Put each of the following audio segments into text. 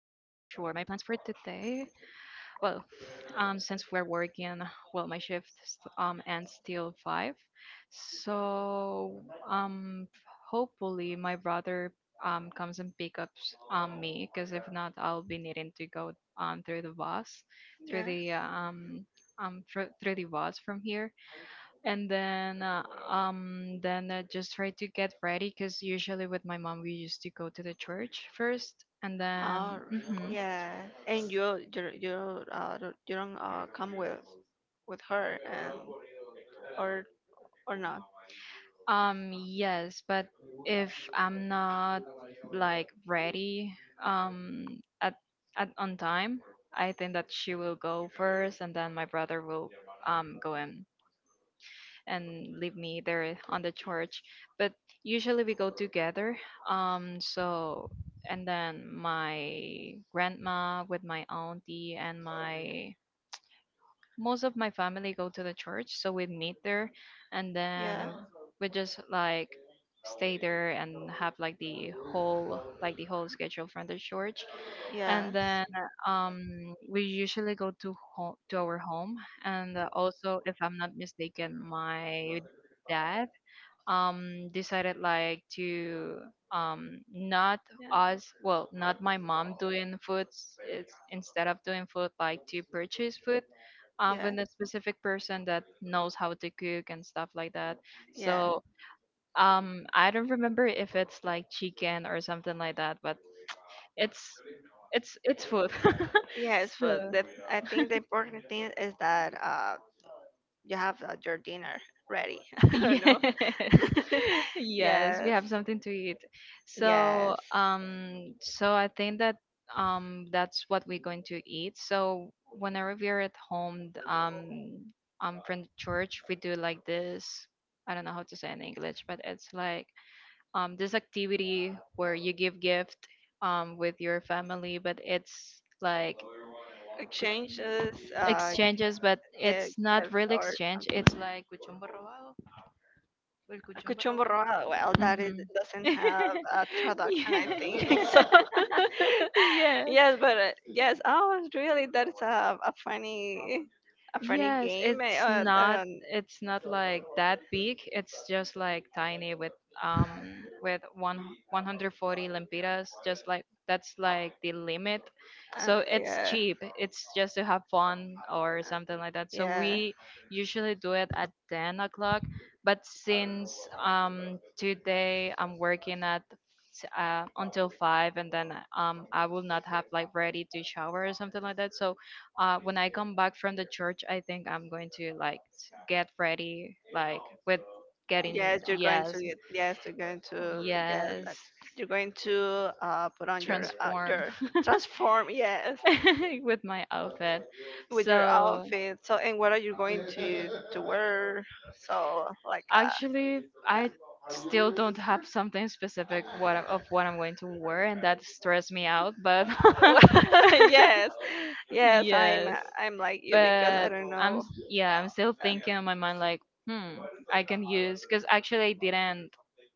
today. Well, since we're working, well, my shift ends till five, so um hopefully my brother comes and picks up me, because if not, I'll be needing to go through the bus, through Yeah. the um through the bus from here, and then I just try to get ready, because usually with my mom we used to go to the church first, and Oh, then. Mhm. yeah. And you don't come with her, and or not? Yes, but if I'm not like ready, um, at, at on time, I think that she will go first, and then my brother will go in and leave me there on the church. But usually we go together. Um, so and then my grandma with my auntie and my most of my family go to the church, so we meet there, and then Yeah, we just like stay there and have like the whole schedule from the church, yeah, and then we usually go to home to our home, and also if I'm not mistaken, my dad decided like to not yeah, us, well, not my mom doing foods, it's instead of doing food like to purchase food yeah, with a specific person that knows how to cook and stuff like that. yeah. So I don't remember if it's like chicken or something like that, but it's it's food. Yes, but, So I think the important thing is that, you have, your dinner ready. I don't yes. know. Yes, we Yes, have something to eat. So, yes. um, so I think that that's what we're going to eat. So whenever we're at home, from the church, we do like this. I don't know how to say it in English, but it's like this activity where you give gift with your family, but it's like g- Exchanges, uh, gi- exchanges, but it's not gifts, really or exchange. something. It's like. Cuchumbo Rojo, well, that is, Mm-hmm. doesn't have a traduction, I think. Yeah, So, yeah. yes, but yes, oh, really, that's a funny Yes. Yes, game. It's not, like that big. It's just like tiny with one 140 lempiras, just like that's like the limit. So it's Yeah. cheap. It's just to have fun or something like that. So Yeah. we usually do it at 10 o'clock, but since today I'm working at until 5 and then I will not have like ready to shower or something like that. So when I come back from the church, I think I'm going to like get ready, like with getting. Yes, Yes, you're going to get yes, that. You're going to, put on your, transform. Transform. Yes, With my outfit. with your So outfit. So, and what are you going to wear? So, like, actually, I still don't have something specific what of what I'm going to wear, and that stressed me out. But uh, yes, yes. Yes, I'm like you, because I but don't know. Yeah, I'm still Uh, thinking in my mind like, hmm, I can use because actually I didn't.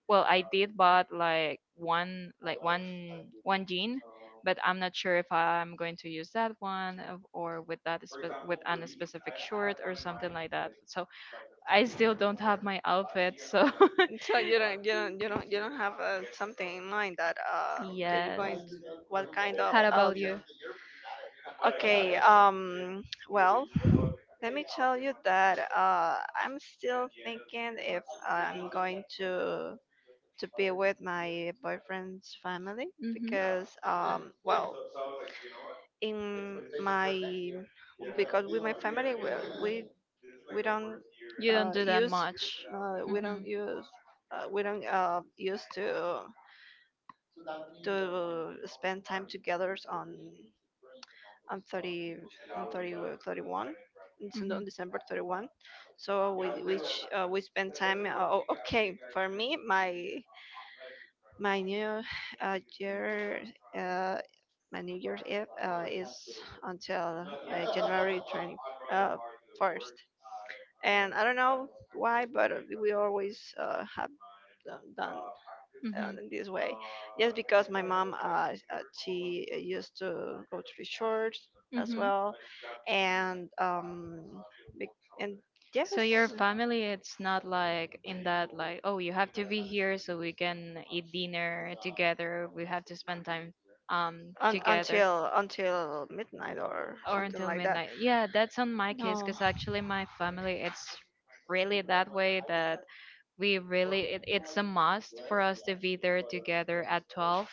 Well, I did bought like one gene, but I'm not sure if I'm going to use that or with that with an specific short or something like that. So I still don't have my outfit. So So you don't have, something in mind that you're yes. going to — what kind of How about outfit? you? Okay. Well, let me tell you that I'm still thinking if I'm going to be with my boyfriend's family, Hmm. because, well in my because with my family, we, we don't, You don't do that use much. We Hmm. don't use we don't used to spend time together on on 30 on 30, 31. It's Hmm. on December 31, so we — which we spend time, o- okay, for me, my new year uh, my New Year's Eve is until, January 20 uh, 1st, and I don't know why, but we always, have, done, Hmm. in this way. Yes, because my mom, she, used to go to the church as Hmm. well, and, bec- and yes, So your family, it's not like in that like, oh, you have to be here so we can eat dinner together. We have to spend time un- together until until midnight or or something until like that. midnight. Yeah, that's on my case No, because actually my family, it's really that way that we really it's a must for us to be there together at 12,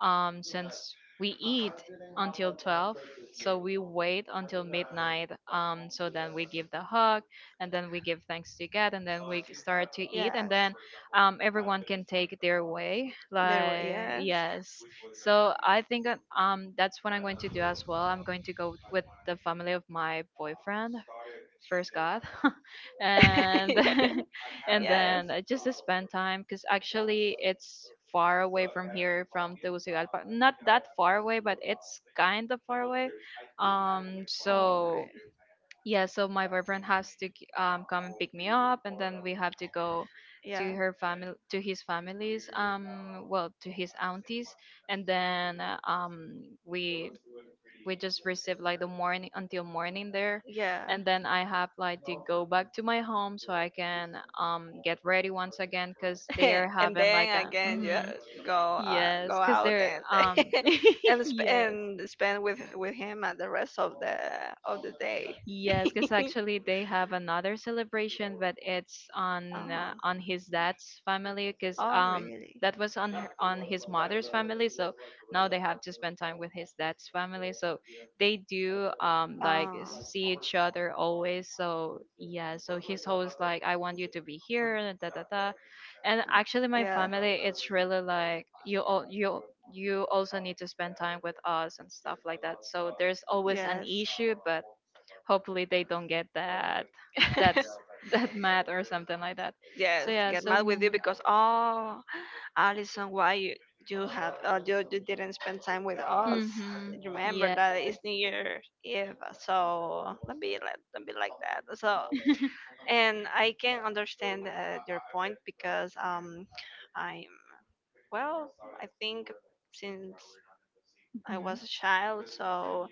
since we eat until 12, so we wait until midnight, so then we give the hug, and then we give thanks to god, and then we start to eat, and yes, then everyone can take their way, there were like, yes, yes. So I think that, that's what I'm going to do as well. I'm going to go with the family of my boyfriend, first god, and yes, and yes. then I just to spend time because actually it's far away from here, from Tegucigalpa, not that far away, but it's kind of far away. um So so yeah, so my boyfriend has to come and pick me up, and then we have to go yeah, to her family, to his family's, well, to his aunties, and then we just receive like the morning, until morning there, yeah. and then I have like to go back to my home so I can get ready once again because they're And having like then a. again you go Yes, because out they're and and sp- yes. and spend with him at the rest of the day. Yes, because actually they have another celebration, but it's uh, on his dad's family. Because oh, really? that was on his mother's family, so now they have to spend time with his dad's family. So they do like Oh, see each other always. So yeah, so he's always like, I want you to be here, and da da da. And actually, my yeah. family, it's really like, you all, you, also need to spend time with us and stuff like that. So there's always an Yes. issue, but hopefully they don't get that, that's that mad or something like that. Yes, So yeah. get So. mad with you, because, oh, Alison, why you didn't spend time with us? Mm-hmm. Remember Yes. that it's New Year's Eve, so don't be like that. And I can understand, your point, because, I'm well, I think since I Hmm. was a child, so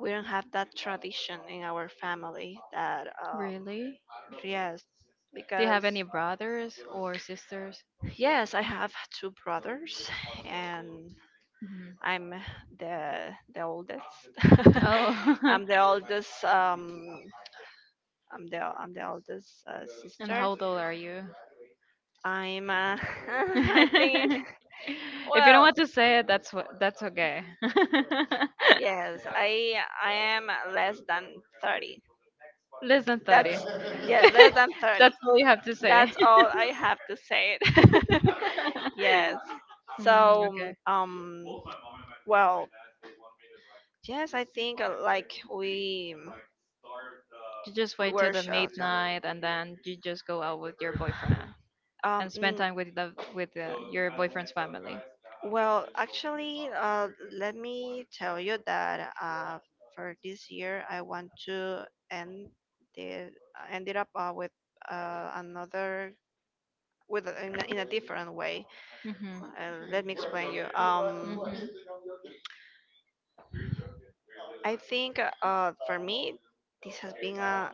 we don't have that tradition in our family that, Really, yes, do you have because any brothers or sisters? yes, I have two brothers, and Hmm. I'm the oldest. Oh. I'm the oldest. I'm the oldest, And how sister. old are you? I'm. I think. If you don't Well, want to say it, that's what, that's okay. Yes, I am less than 30. Less than That's 30. Yes, less than 30. That's all you have to say. That's all I have to say. Yes. Mm, okay. So, um, well, yes, I think, like, You just we wait till were the sure. midnight and then you just go out with your boyfriend and Um, spend mm, time with the, with your boyfriend's family. well, actually, let me tell you that, for this year, I want to, the ended up, with, another with a- in a, in a different way. Mhm. Let me explain you. Mhm. I think, for me, this has been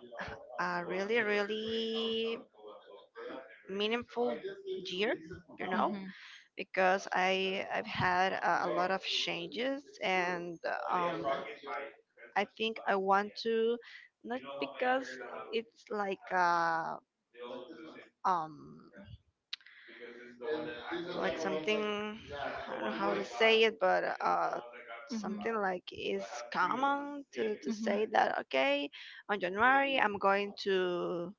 a really, really meaningful year, you know, Mhm. because I've had a lot of changes, and, um, I think I want to, not because it's like a, um like something, I don't know how to say it, but, something like is common to Mhm. say that, okay, on January I'm going to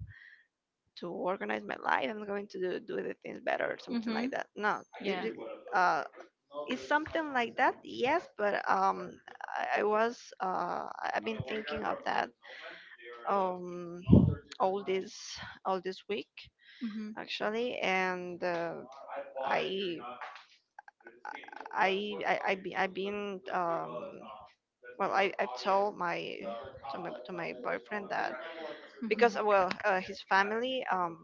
to organize my life. I'm going do the things better, or Mhm. something like Mhm. that. No, Yeah. Uh, it's something like that. Yes, but, I've been thinking of that, um all this all this week Mhm. actually, and, I I I've been, well, I've told my Mm-hmm. to my to my boyfriend that, because, Mhm. Well, his family,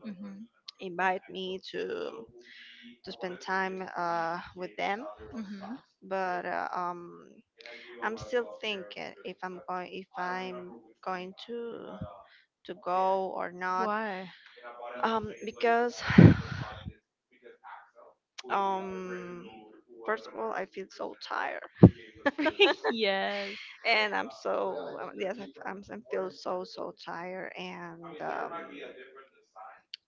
invite me to spend time with them. Mhm. Mhm. But, I'm still thinking if, I'm going to go or not, Why? Because um, first of all, I feel so tired, Yes. and I'm so, yes, I feel so, tired, and,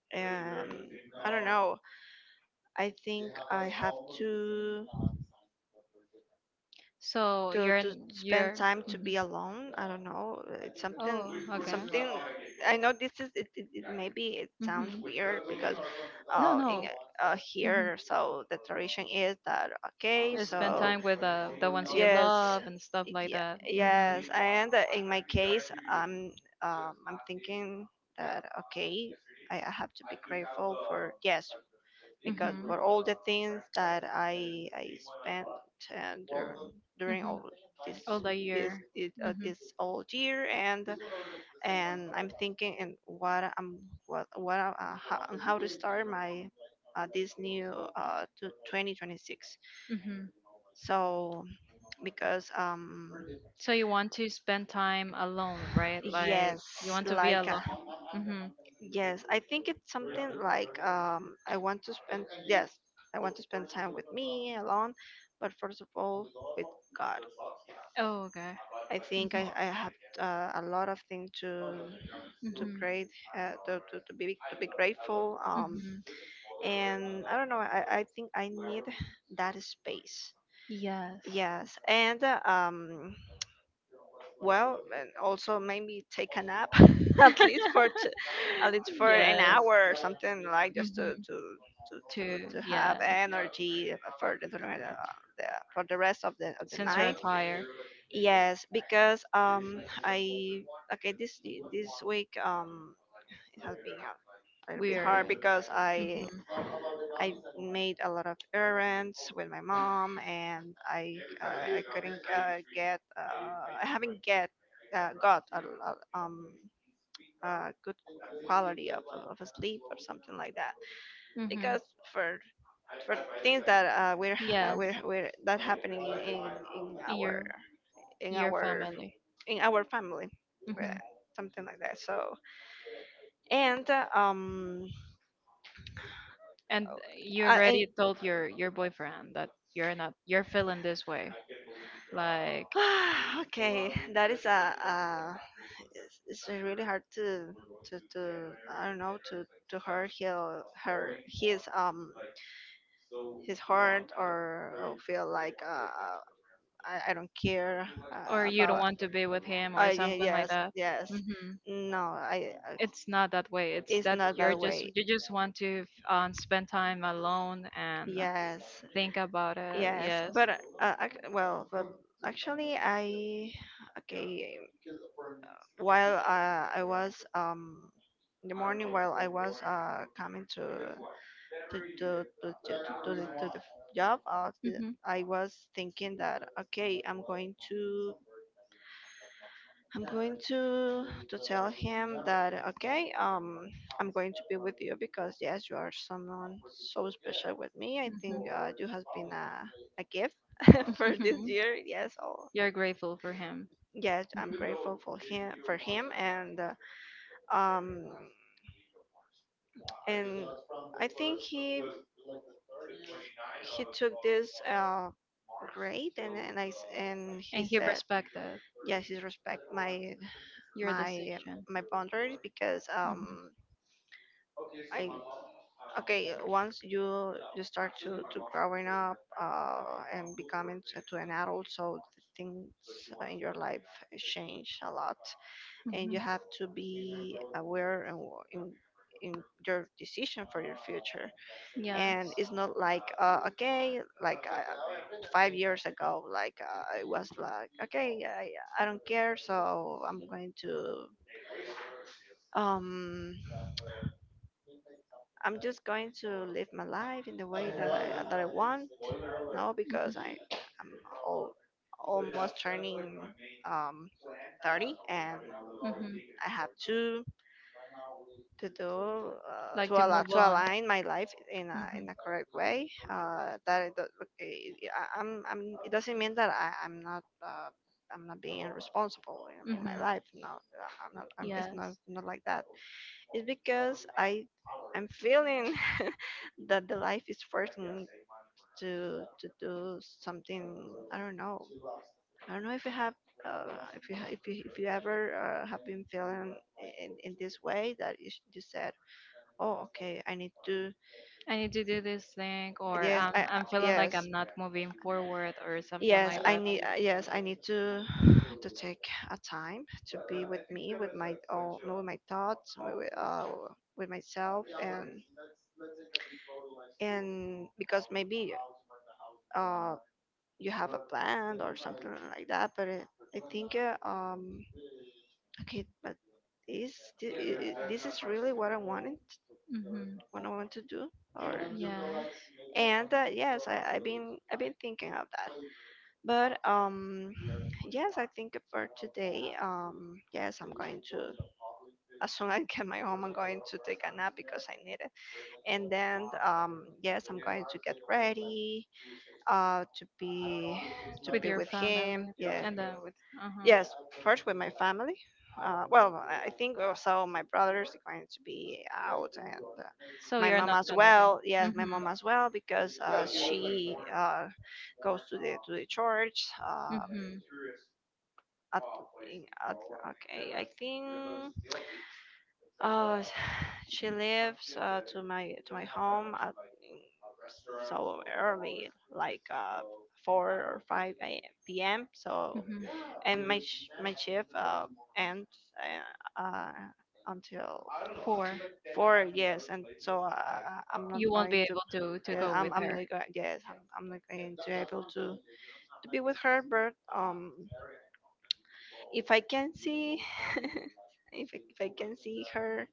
and I don't know. I think I have to. To to spend You're. time to Mhm. be alone. I don't know. It's something. Oh, It's okay. something. I know this is. It maybe it sounds Mhm. weird because, No, in no. Mhm. Here, so the tradition is that, okay. Spend So time with the ones you yes, love and stuff like yeah, that. yes, Mhm. and, in my case, I'm thinking that, okay, I have to be grateful for, yes, because Mm-hmm. for all the things that I spent, uh, during during Mm-hmm. all, this All the year. Mm-hmm. this all year, and, I'm thinking, and, what I'm what I- how, to start my, this new, to 2026. Mm-hmm. So, because, So you want to spend time alone, right? Like, yes, you want to be like alone. uh, Mm-hmm. yes, I think it's something like, I want to spend, yes, I want to spend time with me alone, but first of all, with God. Oh, okay. I think, I have, Mm-hmm. A lot of things to Mm-hmm. great to be grateful, Mm-hmm. and I don't know. I think I need that space. Yes. Yes, and, well, and also maybe take a nap at least for t- at least for an Yes. hour, or something, like just Mm-hmm. To to have yeah, energy for the, during the, the for the rest of the since you're night. tired, Yes, because, I okay this week, it has been it'll be hard weird. because Mm-hmm. I made a lot of errands with my mom, and, I couldn't, get I haven't get got, a good quality of a sleep, or something like that, Mm-hmm. because, for for things that, Yes, we're that happening in, in in our, your in your our family. in our family, uh, Hmm. something like that. So and And you and. already told your boyfriend that you're not, you're feeling this way, like, Okay, that is a, it's a really hard to I don't know, to hurt, her her his, his heart, or feel like, I don't care, or you don't about — want to be with him or yeah, something like yes, that. yes, Hmm. no, It's not that way. It's it's that not that way, you just want to spend time alone and yes. think about it. Yes, Yes. but, ac well, but actually, I okay. While, I was in the morning, while I was coming to do the job. Hmm. I was thinking that, okay, I'm going to tell him that, okay, I'm going to be with you, because yes, you are someone so special with me. I think, you has been a gift for this Hmm. year. Yes, oh, You're grateful for him. yes, I'm Hmm. grateful for him, and, um and I think he took this, grade, and he And he said, respected yes, he respect your my decision. my boundaries, because, Mhm. I okay, once you start to growing up, and becoming to an adult, so the things in your life change a lot, and you Mhm. have to be aware and, in your decision for your future. Yeah. And it's not like, okay, like, 5 years ago, like, I was like, okay, I don't care, so I'm going to, um I'm just going to live my life in the way that I want. No, because, i'm all, almost turning, um 30, and Mhm. Mhm. I have to do, Like to to allow, move to on. align my life Mhm. in a correct way. That it, do- it- it- I- I'm It doesn't mean that I'm not. I'm not being responsible in, my Mhm. life. No, I'm not. It's not Yes. Like that. It's because I'm feeling that the life is forcing to do something. I don't know. I don't know if you, have if you ha- if you ever, have been feeling in, this way that you, you said, oh, okay, I need to, I need to do this thing, or yes, I'm I'm feeling like I'm yes. not moving forward, or something like Yes, I that. need. Yes, I need to to take a time to be with me, with my own, with my thoughts, with myself, and, because maybe, uh you have a plan or something like that. I think, okay, is thi- I- this is really what I wanted, Mhm. what I want to do, or. Yes. And yes, I've been thinking of that. But yes, I think for today, yes, I'm going to. As soon as I get my home, I'm going to take a nap because I need it. And then, yes, I'm going to get ready, to With be your with him. family, Yeah, and then with. Uh huh. yes, first with my family. Well, I think also my brothers are going to be out, and So my you're mom not as gonna well. be. Yes, my Mhm. mom as well because she, goes to the church. Mhm. At, in- at okay, I think, uh she lives, to my home at so early, like 4 or 5 a.m. p.m. Mhm. And my shift ends, uh, uh until Four. four. Yes, and I'm not You won't going. be able to Yeah, go with I'm her. not going. Yes, I'm not going to able to be with her. But if I can see, if I can see her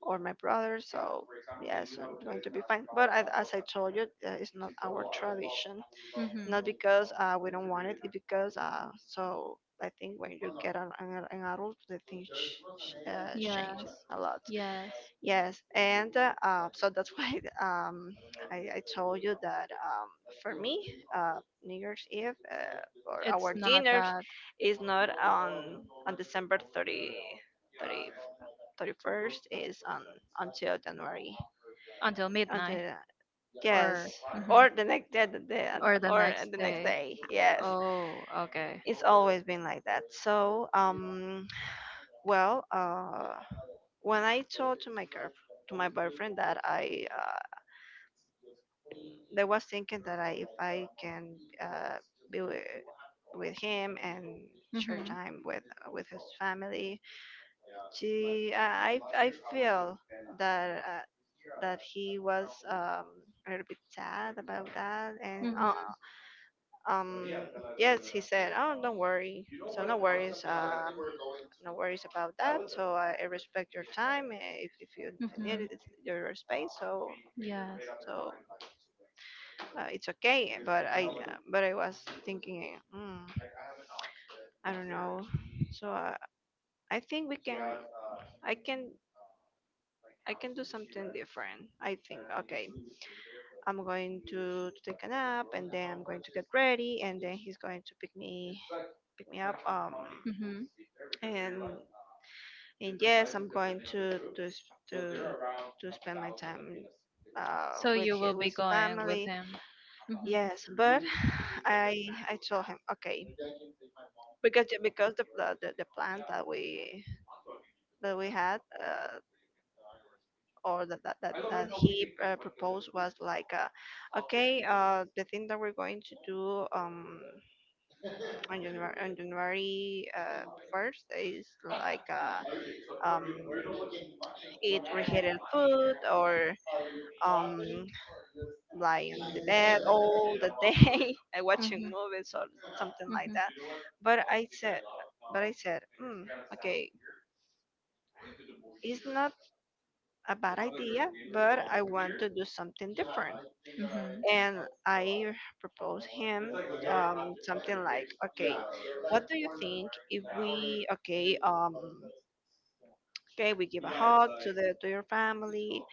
or my brother, so yes, I'm going to be fine. But I, as I told you, it's not our tradition. Mm-hmm. Not because we don't want it, it's because so I think when you get an adult, the things change Yes. a lot. Yes. Yes, and so that's why, I told you that, for me, New Year's Eve, or It's our not dinners that. is not on December thirty 31st. Is on until January, Until midnight, until yes, or mhm, or the next day. Or the Or next the next day. day, yes. Oh, okay. It's always been like that. So um well, uh, when I told to my girl, to my boyfriend that I, they was thinking that I, if I can, be with him and share Mhm. time with his family, I feel that, that he was, a little bit sad about that, and Mhm. uh, um, yes, he said, oh, don't worry. So no worries. No worries about that. So I respect your time. If, if you need Mhm. it, it's your space. So Yes. so uh, it's okay. But I was thinking, I don't know. So I think we can. I can. I can do something different. I think, okay, I'm going to take a nap and then I'm going to get ready and then he's going to pick me up. Hmm. and and yes, I'm going to spend my time, So with you will be with going with family. him. Hmm. Yes, but I I told him okay. Because the plan that we, that we had, or that he, proposed was like, okay, the thing that we're going to do, on January, on January, first is like, um eat reheated food or, um lie on the bed all the day and watching Hmm. movies or something like Hmm. that. But I said, but I said, okay, it's not a bad idea, but I want to do something different. Hmm. And I propose him, something like, okay, what do you think if we, okay, okay, we give a hug to the to your family,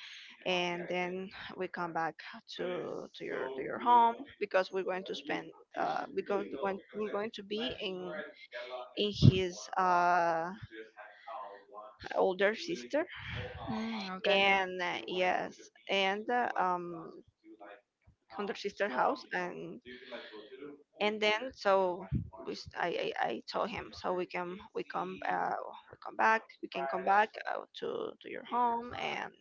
and then we come back to, your, to your home because we're going to spend, because we're going to be in his, older sister. Mm, okay. And yes, and on their sister house, and then so we, I told him so we can we come, we come back we can come back, to your home,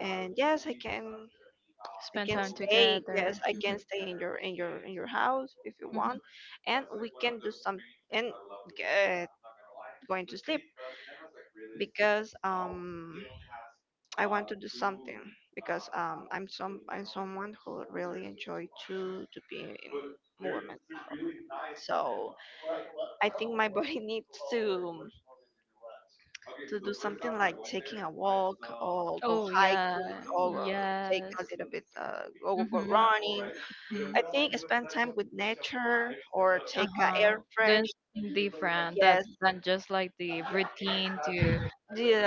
and yes I can. I Spend can time stay. Yes, together. I can Mhm, stay in your, in your house if you mhm. want, and we can do some, and get going to sleep because, I want to do something because, I'm someone who really enjoy to be in movement. So I think my body needs to do something like taking a walk or go Oh hiking yeah. or take Yes. a little bit, go Mm-hmm. running. Mm-hmm. I think spend time with nature or take a Uh-huh, air fresh. doing something different that Yes, than just like the routine, to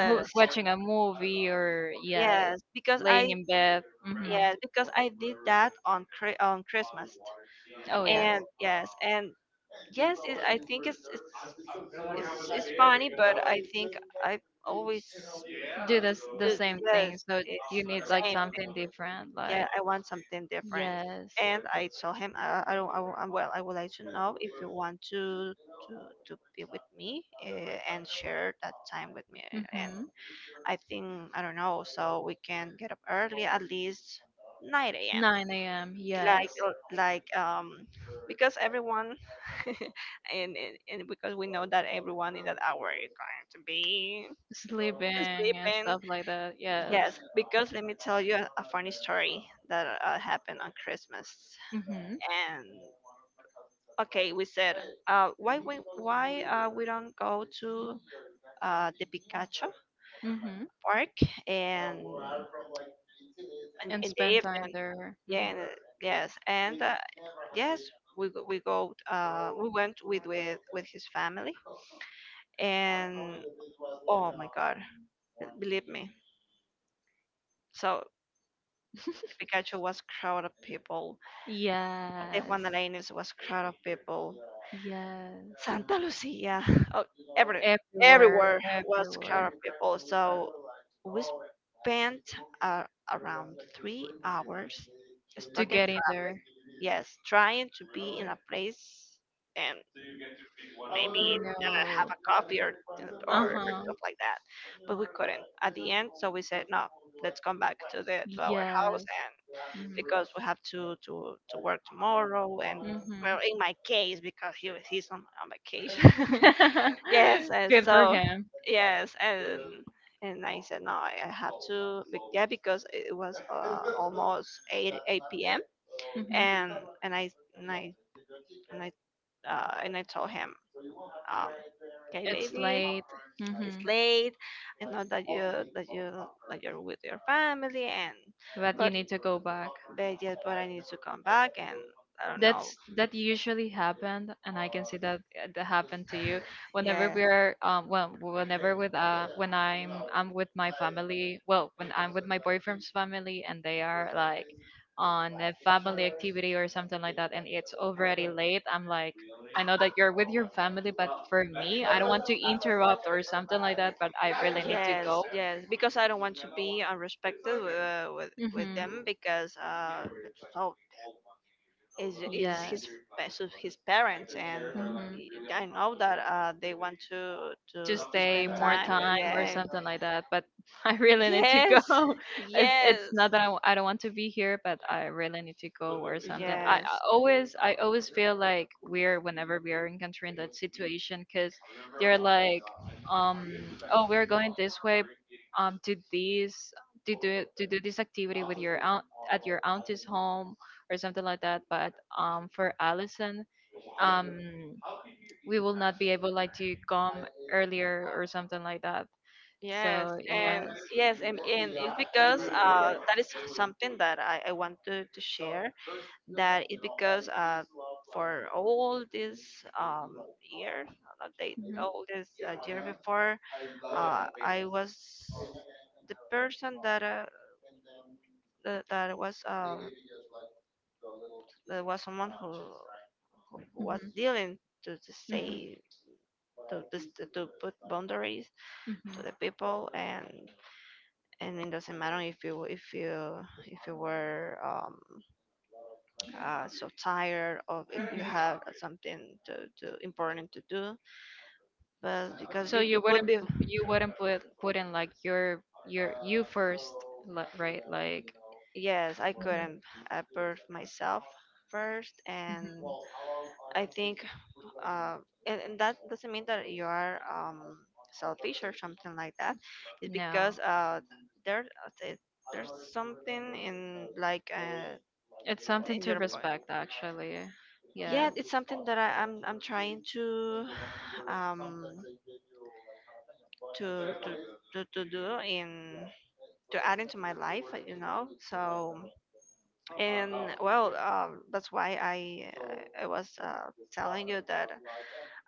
watching a movie or, yes, yes. Because I. laying in bed. Mm-hmm. Yes, because I did that on Christmas, Oh yes. And yes, it, I think it's, it's funny, but I think I always Do this do. the same Yes, thing, so it's you need the like same. something different, Yeah, like, I want something different, yes. and I told him I don't I, wo- I'm- well I would like to know if you want to be with me, and share that time with me, and Mm-hmm. I think I don't know, so we can get up early at least 9 a.m., 9 a.m., like, yes, because everyone and, and because we know that everyone in that hour is going to be sleeping and sleeping. stuff like that, yes. Yes, because let me tell you a funny story that, happened on Christmas. Mm-hmm. And okay we said, why we don't go to the Pikachu Mm-hmm. park, and And in the spend time evening, there. yeah. Mhm. And, yes, and, yes, we go. We went with with his family, and oh my god, believe me. So Pikachu was crowd of people. The Yes. Juan Arenas was crowd of people. Yes. Santa Lucia. Oh, every, Everywhere, everywhere was everywhere, crowded people. So we spent, uh, around 3 hours to stuck in get in traffic. there. Yes, trying to be in a place and maybe, have a No. coffee Uh or huh. stuff like that. But we couldn't at the end. So we said, no, let's come back to the to our house Yes. Mhm. because we have to work tomorrow. And well Hmm. in my case because he's on vacation. Yes, and Good for so him. yes and I said no I have to yeah because it was, almost 8 p.m. Mhm. And and I and I and I and I told him, um, okay It's baby, late. it's Hmm. late. I know that you, that you that you're with your family, and But you but need to go back. but yes, but I need to come back and I don't know. That usually happened, and I can see that happened to you. Whenever Yeah. we're well, whenever with when I'm with my family, well, when I'm with my boyfriend's family, and they are like on a family activity or something like that, and it's already late. I'm like, I know that you're with your family, but for me, I don't want to interrupt or something like that. But I really need to Yes, go. yes, because I don't want to be unrespected with, with Mm-hmm. them because, so is Yes. his, his parents and Mm-hmm, y- I know that, they want to to stay spend more time. time or Yeah. something like that. But I really need to go. Yes. It's Yes. not that I don't want to be here, but I really need to go or something. Yes. I always feel like we're, whenever we are encountering that situation, because they're like, um, oh, we're going this way, to this, to do this activity with your aunt, at your auntie's home or something like that. But for Allison, um we will not be able like to come earlier or something like that. Yes, So yes. and yes, and it's because, that is something that I want to share. That is because, for all this, um, year, not they, Mhm, all this, year before, I was the person that, that was, that was someone who was dealing to mhm, say to, to put boundaries mhm, to the people, and it doesn't matter if you, if you were, so tired or mhm, if you mhm. have something to important to do, but because So you, you you put wouldn't be. You wouldn't put in like your you first, right, like. Yes, I Mhm, couldn't, birth myself first, and mhm. I think, uh, and that doesn't mean that you are, selfish or something like that. It's No, because, there there's something in like, it's something in to your body. respect actually. Yeah, Yes. it's something that I'm trying to, um to to to do in to add into my life, you know. So, and well, that's why I was, telling you that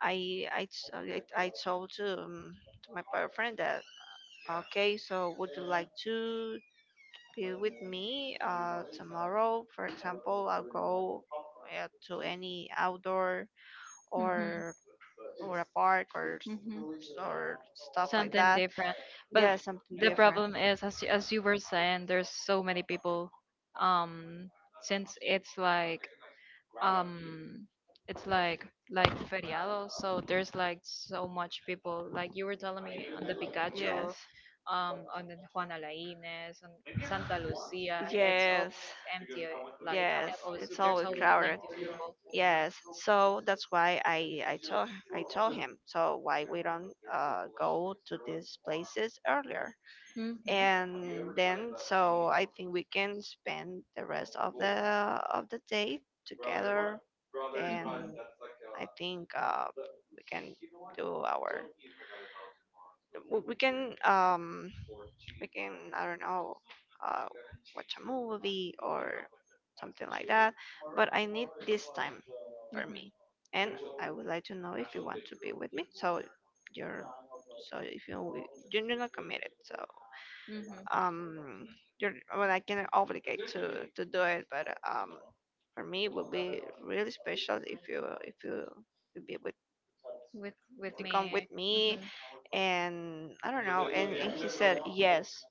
I told, to my boyfriend that okay, so would you like to be with me, tomorrow? For example, I'll go, to any outdoor Mhm. or or a park or Hmm. Stuff like Something that. different. But Yeah, something the different. problem is, as you were saying, there's so many people. Um, since it's like um, feriado, so there's like so much people. Like you were telling me on the Pikachu, Yes. On the Juana Lainez, on Santa Lucia, it's all Yes. empty. Like Yes. always, It's there's always always plenty crowded. of people. Yes. So that's why I told him. So why we don't go to these places earlier? Hmm. And then so I think we can spend the rest of the, of the day together, and Hmm. I think, we can do our, we can, we can I don't know, uh watch a movie or something like that, but I need this time for Mhm. me. And I would like to know if you want to be with me so you're, so if you, you're not committed so, Mhm. um you're well I cannot obligate to do it, but for me it would be really special if you would be with, With if with you come with me. me. Mhm. And I don't know, and he said yes.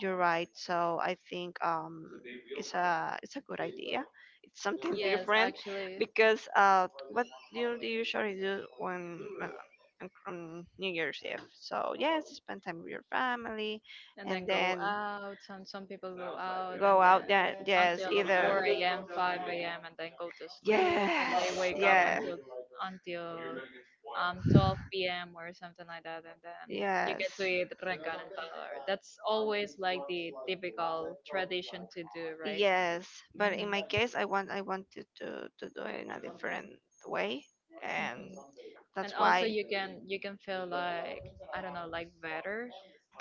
You're right. So I think, it's a good idea. It's something Yes, different actually. because, what do you usually do on New Year's Eve? So yes, spend time with your family, And then and go then out. Some people go out and go then out. That yes, until either 4 a.m., 5 a.m. and then go to sleep, and they yes, wake up yeah, until 12 p.m. or something like that, and then you get to yes. eat reencarnador. That's always like the typical tradition to do, right? Yes, but Hmm. in my case, I want to do it in a different way, Hmm. and And that's also, why. you can feel like, I don't know, like better,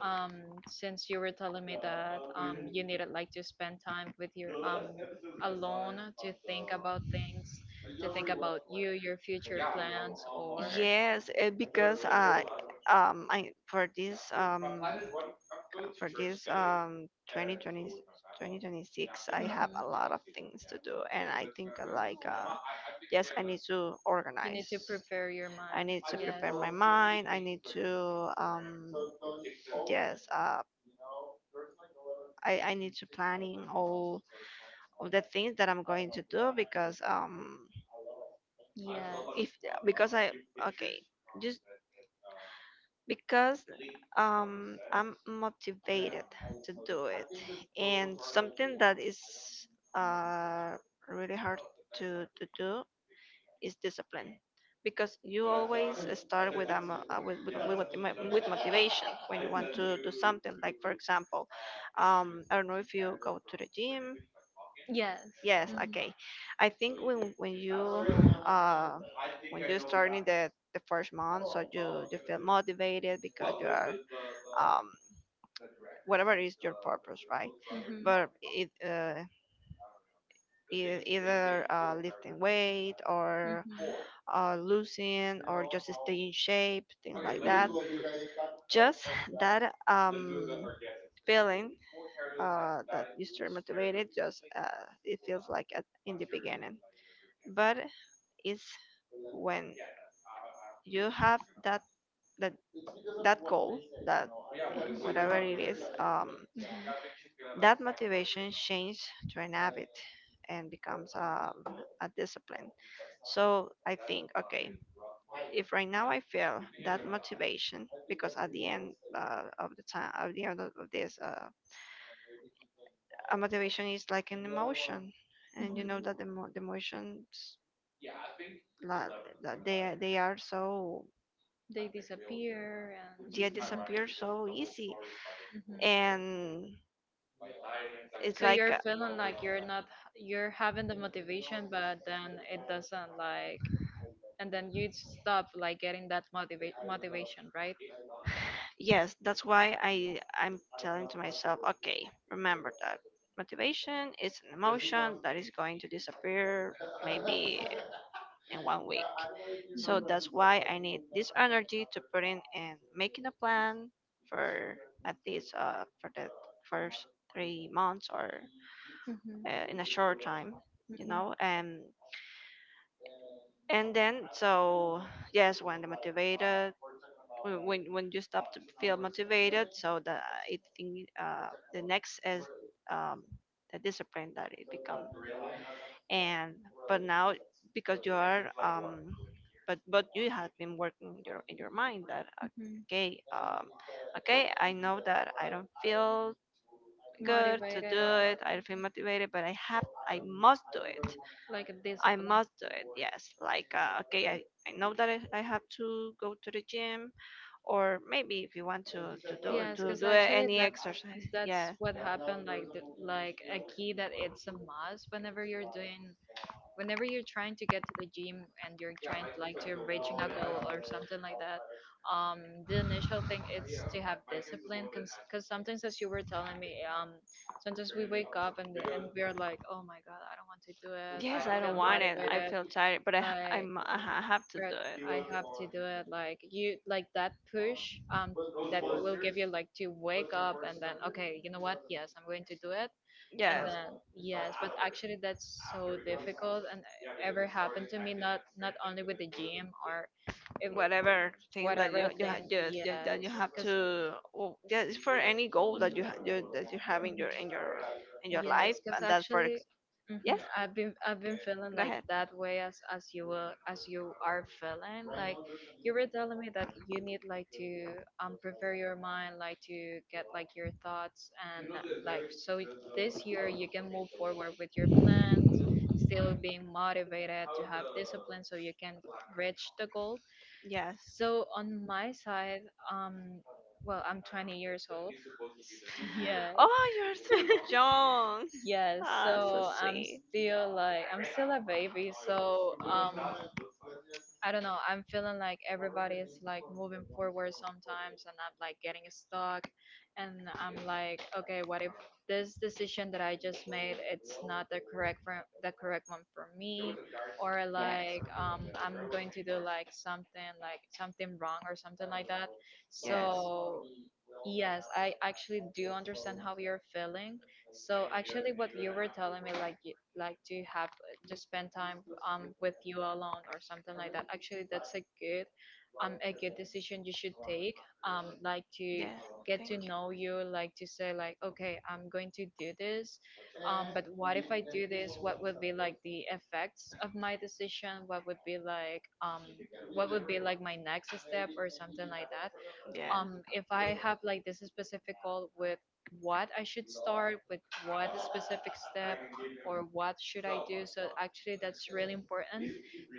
um since you were telling me that you needed like to spend time with your, alone, to think about things, to think about your future plans or. Yes, because I for this 2020 2026 I have Mhm. a lot of things to do, and I think yes, I need to You need organize. to prepare your I mind. need to Yes. prepare my mind. I need to, yes, I need to planning all the things that I'm going to do because Yes. if, because I, okay, just because I'm motivated to do it. And something that is uh, really hard to do is discipline. Because you always start with a, with, with, what- mo- with motivation when you want to do Mhm. something. Like, for example, I don't know if you go to the gym. Yes. Yes, Mhm. okay. I think when uh you're starting the first month, so you feel motivated because you are, um whatever is your purpose, right? Mhm. Mhm. But either lifting weight, or losing, or just stay in shape, things like that. Just that, feeling that you stay motivated, just it feels like in the beginning. But is when you have that that goal that, Yeah. Mhm. whatever it is, that motivation changes to an habit and becomes, a discipline. So I think, okay, if right now I feel that motivation, because at the end of this, a motivation is like an emotion, and you Mhm. know that the emotions, la, they are so, They disappear, and. they Mhm. disappear so easy, Mhm. and it's So like, you're feeling like you're not, you're having the motivation, but then it doesn't, like, and then you stop like getting that motivation, right? yes, that's why I'm telling to myself, okay, remember that motivation is an emotion that is going to disappear maybe in one week. So that's why I need this energy to put in and making a plan for at least, for the first 3 months, or Mhm. In a short time, Mhm. you Mhm. know. Um, And then, so yes, when you stop to feel motivated, so the I think, the next is, um, the discipline that it become. And but now, because you are, but you have been working in your mind that, Mhm. okay, okay, I know that I don't feel good to do Motivated. it. I don't feel motivated, but I must do it. Like I discipline. must do it. Yes, like, okay, I know that I have to go to the gym, or maybe if you want Yes, to because do actually any that exercise. that's Yeah. what happened, like, like a key that it's a must, whenever you're doing whenever you're trying to get to the gym, and you're trying like to reaching a goal or something like that. um the initial thing is to have discipline, because sometimes, as you were telling me, sometimes we wake up, and we're like, oh my god, I don't want to do it, I Yes, don't I don't feel want it. I motivated, feel tired, but I ha- I, like. mu- I ha- have to But do it. I have to do it, like, you, like that push, um that will give you, like, to wake up, and then okay, you know what, yes, I'm going to do it. And Yes. then yes, but actually that's so difficult, and ever happened to me, not only with the gym, or if, Whatever thing that whatever you thing. ha- you that you Yes, have because. to, well, yes, for any goal that you have in Mhm. your life, Yes, because and that for actually, hmm, Yes, I've been feeling go like ahead. that way, as you are feeling. Like you were telling me that you need, like, to prepare your mind, like to get, like, your thoughts, and, like, so this year you can move forward with your plan, still being motivated to have discipline so you can reach the goal. Yes. So on my side, um, well, I'm 20 years old. Yes. Oh, you're so young. Yes, Ah, so so sweet. I'm still a baby, so, I don't know, I'm feeling like everybody is like moving forward sometimes, and I'm like getting stuck, and I'm like, okay, what if this decision that I just made, it's not the correct one for me, or, Yes. like, I'm going to do like something wrong or something like that. Yes. So yes, I actually do understand how you're feeling. So actually, what you were telling me, like, you like to have, to spend time with you alone or something like that. Actually, that's a good decision you should take. Like, to Yes. get Thank to you. know you, like to say, like, okay, I'm going to do this. But what if I do this? What would be like the effects of my decision? What would be like my next step or something like that? Yeah. If I have, like, this specific goal, with what I should start, with what specific step, or what should I do. So actually, that's really important,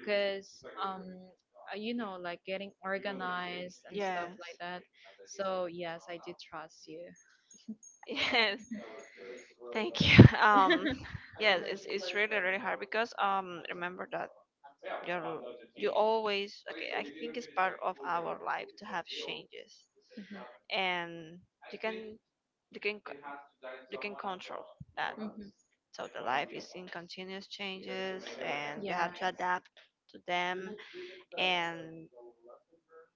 because like, getting organized and stuff like that. So yes, I do trust you. Yes. Thank you. Yes, it's really hard because, remember that you're you always, okay, I think it's part of our life to have changes, and you can you can c- you can control that. Hmm. Hmm. So the life is in continuous changes, and you have to Yes. adapt to them. And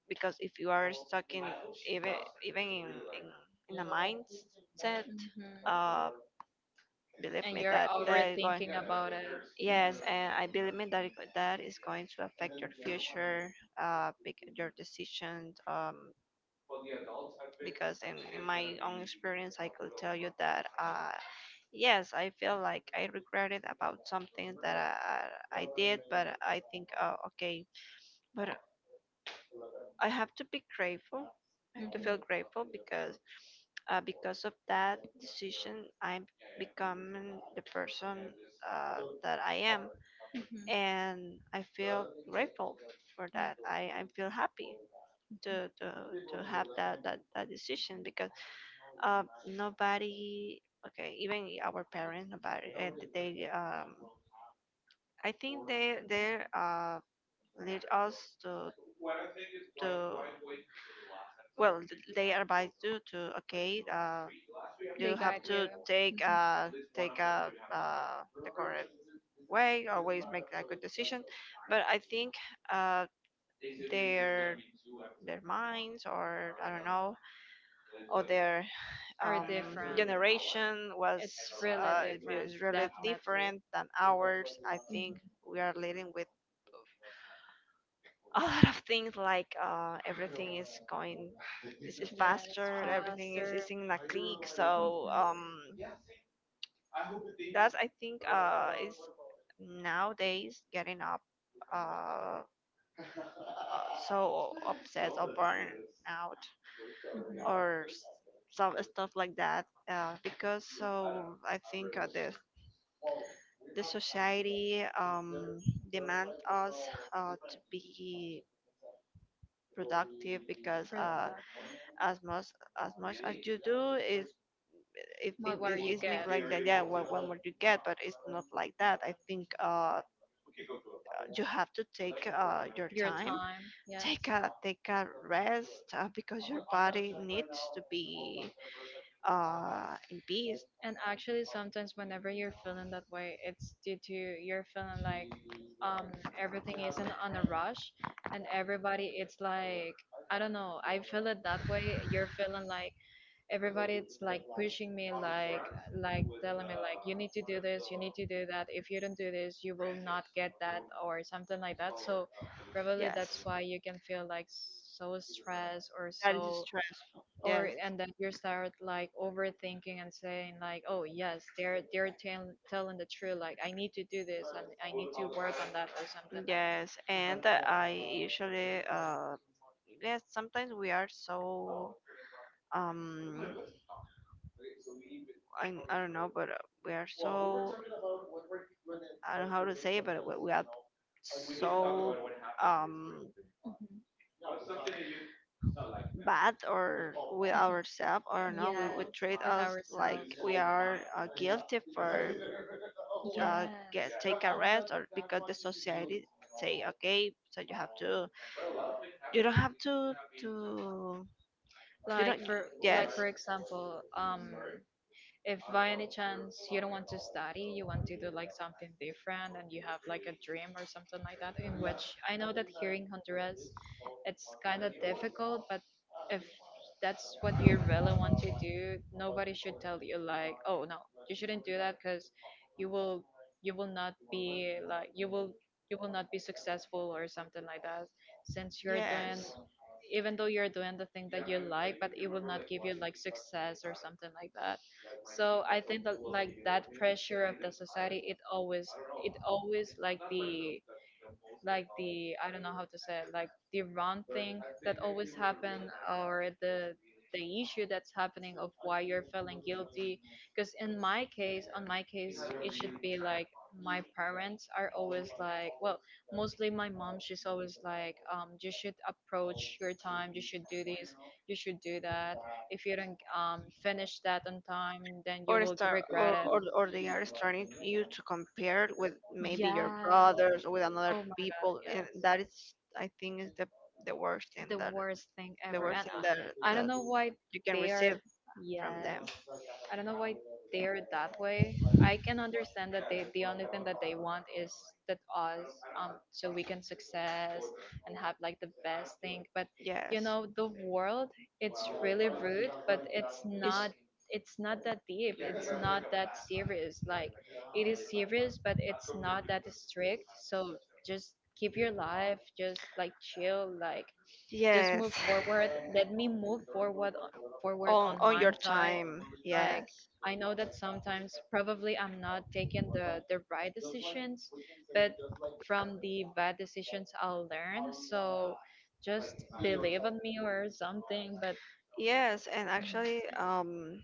because if you are stuck in, even even in, in a mindset, Hmm. uh, believe And me you're that they're going. overthinking about it. Mhm. Yes, and I believe me that that is going to affect your future, your decisions, because in my own experience I could tell you that, yes, I feel like I regretted about something that I did, but I think, oh, okay, but i have to be grateful I have to feel Mm-hmm. grateful because, because of that decision, I'm becoming the person, that I am, Mm-hmm. and I feel grateful for Yeah. that. I feel happy Mhm. to, to, to have that decision because, nobody, okay, even our parents, nobody, and they, I think lead us to to well, they advise you to, okay, They you have got you. to take, Hmm. Take a the correct way, always make a good decision. But I think, uh their minds, or I don't know, or their, Are different. generation was It's really different, is really definitely. different than ours, I think. Hmm. We are living with a lot of things, like, everything is going, is Yes, faster, everything faster. is in a click, Mm-hmm. so, that's, I think, is nowadays getting up, uh, so upset, or burn out, Mm-hmm. or some stuff like that, because, so I think, the society, demand us, to be productive, because, Productive. As much as much as you do is, What were it you is get? mixed like that. Yeah, what would you get? But it's not like that, I think, you have to take, your Your time, time. Yes. Take a rest, because your body needs to be, in peace. And actually, sometimes whenever you're feeling that way, it's due to you're feeling like, um, everything isn't on a rush, and everybody, it's like, I don't know. I feel it that way. You're feeling like everybody, it's like pushing me, like telling me, like, you need to do this, you need to do that, if you don't do this you will not get that or something like that, so probably that's Yes, why you can feel like so stressed or that is so. stressful, Or, yes. and then you start like overthinking and saying like, oh yes, they're telling the truth, like, I need to do this and I need to work on that or something like Yes, that. and, I usually, yes, sometimes we are so, um I don't know, but, we are so, I don't know how to say it, but we are so, um Mhm. bad or with ourselves, or no, we would Yes, treat with us like ourselves. we are, guilty for, uh, Yes. get take a rest, or because the society say, okay, so you have to, you don't have to, you Like don't. for like, Yes, for example, if by any chance you don't want to study, you want to do like something different, and you have like a dream or something like that, in which, I know that here in Honduras it's kind of difficult, but if that's what you really want to do, nobody should tell you, like, oh no, you shouldn't do that because you will you will not be like you will not be successful or something like that, since you're doing yes, even though you're doing the thing that you like, but it will not give you like success or something like that. So I think that, like, that pressure of the society, it always like the I don't know how to say it, like the wrong thing that always happen, or the issue that's happening, of why you're feeling guilty. Because in my case on my case, it should be like, my parents are always like, well, mostly my mom, she's always like, you should approach your time, you should do this, you should do that, if you don't finish that on time, then you or will start, or, regret it. They are starting you to compare with maybe your brothers, Yes. or with another Oh my god, people, and yes, that is, I think, is the worst thing the that, worst thing the ever. worst And thing that I don't that know why you can they are, receive from yes, them. I don't know why they are that way. I can understand that they, the only thing that they want is that us, so we can success and have like the best thing. But Yes, the world, it's really rude, but it's it's not. It's not that deep. It's not that serious. Like, it is serious, but it's not that strict. So just keep your life, just like chill, like just yes. move forward. Let me move forward forward on on my your type. time, Like, yes. I know that sometimes probably I'm not taking the right decisions, but from the bad decisions I'll learn, so just believe in me or something, but. Yes, and Mhm. actually,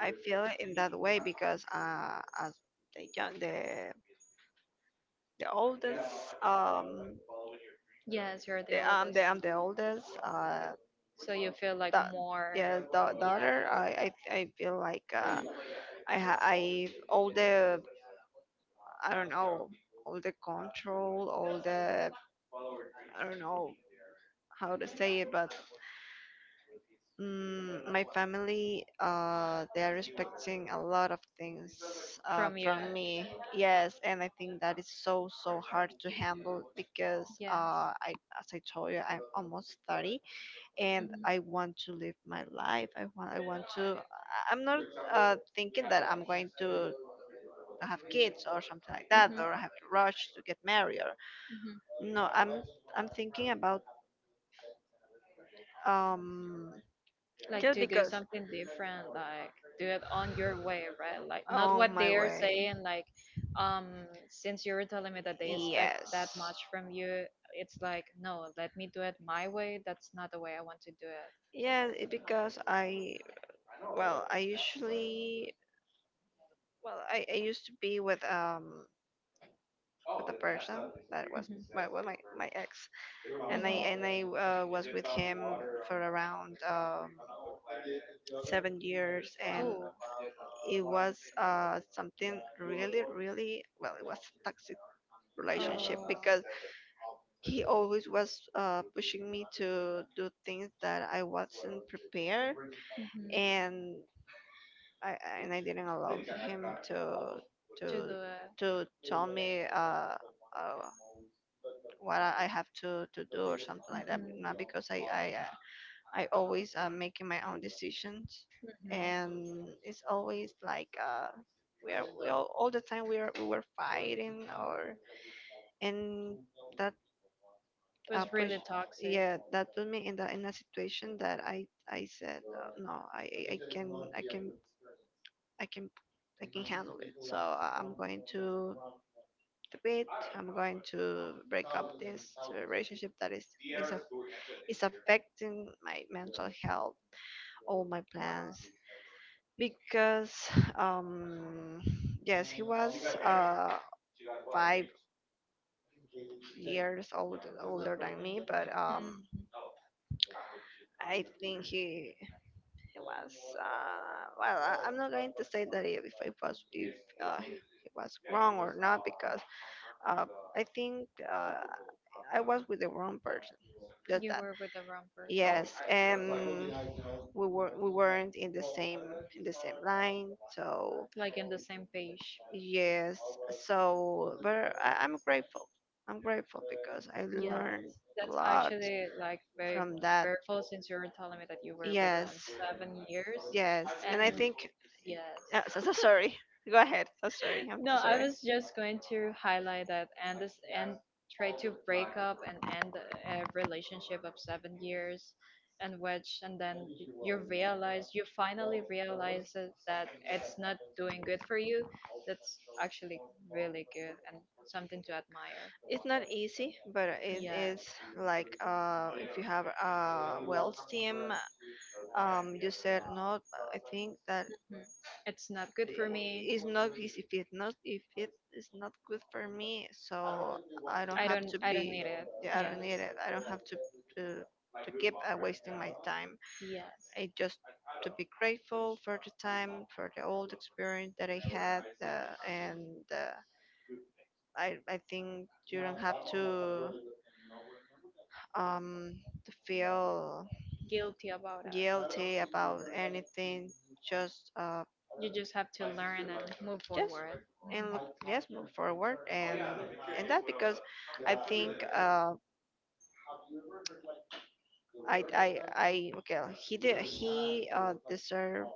I feel it in that way because, as the young, the oldest, Yes, you're the the, I'm oldest, the I'm the oldest, so you feel like da- more. yeah, Yes, daughter. I feel like, I, all the, I don't know, all the control, all the, I don't know how to say it, but, my family, they are expecting a lot of things, from you. from me. Yes, and I think that is so, so hard to handle because, Yes. I, as I told you, I'm almost 30, and Mhm. I want to live my life. I'm not, thinking that I'm going to have kids or something like that, or have to rush to get married, or Mhm. no, I'm thinking about, um, Like, just to do because. something different, like, do it on your way, right? Like, not Oh, what my they're way. saying, like, um since you're telling me that they expect that Yes. much from you, it's like, no, let me do it my way. That's not the way I want to do it. Yeah, it because I, well, I usually well I used to be with, with a person that was my, well, my ex, Mhm, mhm. and I was with him for around, 7 years, and Oh. it was, something really really, well, it was toxic relationship Oh. because he always was, pushing me to do things that I wasn't prepared, Hmm. and I I didn't allow him to To to the. Tell me, uh, what I have to do or something like that. Hmm. Not because I always am making my own decisions, and Hmm. it's always like, we all the time we were fighting, or and that, Was push really toxic. yeah, that put me in the in a situation that I said, no, I I I can I can I can can handle it, so I'm going to, a bit. I'm going to break up this, relationship that is affecting my mental health, all my Wow. plans. Because, um, yes, he was, uh, 5 years old, older than me, but, Hmm. I think he was, well, I'm not going to say that if I was, if he was wrong or not, because, uh, I think, I was with the wrong person. Just You that. were with the wrong person. Yes, we weren't in the same line, so Like, in the same page. yes, so but I'm grateful. I'm grateful because I Yes. learned a That's lot actually like very from that. fearful, since you were telling me that you were with him Yes. 7 years. Yes. And I And think, yes. So, so sorry. Go ahead. So sorry. I'm No, so I sorry. was just going to highlight that, and this, and try to break up and end a relationship of 7 years, and which, and then you finally realize that it's not doing good for you. That's actually really good, and something to admire. It's not easy, but it is, Yes. like, if you have a well team, you said no. I think that Mhm. It's not good for me. it's not easy. If it is not good for me, so I don't I have don't to I don't be. need it. Yeah, I don't need Yes, it. I don't have to to, to keep, wasting my time. yes, I just to be grateful for the time, for the old experience that I had, and, I think you don't have to, to feel guilty about it. guilty about anything. Just uh You just have to learn and move just forward. and Hmm. look, just move forward. And and that because I think I okay, he did, he deserve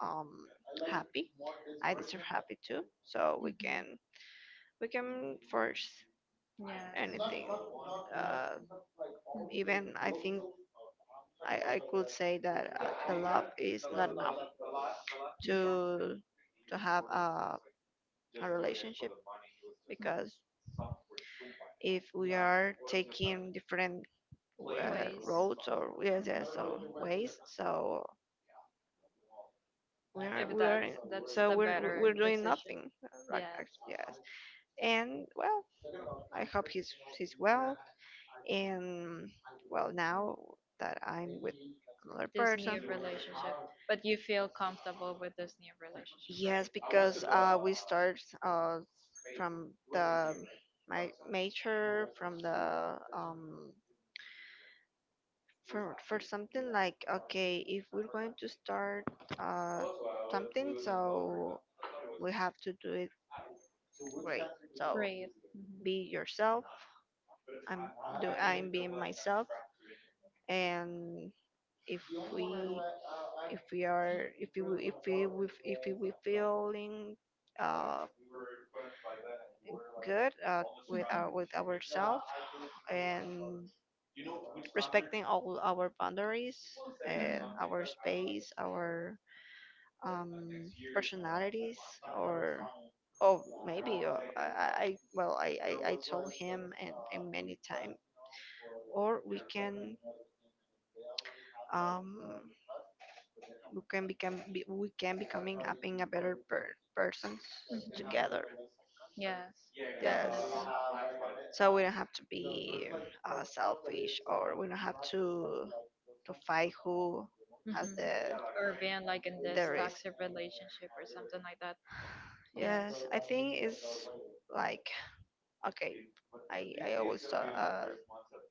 um happy. I deserve happy too. So Hmm. We can force Yes. anything. Mhm. Uh, Even I think I could say that the love is not enough Yes. to to have a relationship, Mhm. because if we are taking different Ways. roads or, yes, Mhm. yes, or ways. So If we are in- that's so the we're better doing decision. nothing. Right, Yes. Yes. And, well, I hope he's well. And, well, now that I'm with another This new person, relationship. But you feel comfortable with this new relationship, right? yes. Because we start, from the, my major, from the, for something, like, okay, if we're going to start uh something, so we have to do it great. So Great. be yourself. I'm I'm being myself. And if we if we are if we if we if we, if we we feeling uh good, with Mm-hmm. our, with ourselves, and respecting all our boundaries and our Mm-hmm. space, our um, personalities. Or, oh, maybe, or I told him, and many times, or um we can become be, we can becoming a, being a better persons Mm-hmm. together. Yes, Yes, definitely. so we don't have to be selfish, or we don't have to fight who has Mm-hmm. the Or being like in this risk. toxic relationship or something like that. Yes. Yes, I think it's like, okay. I always tell, uh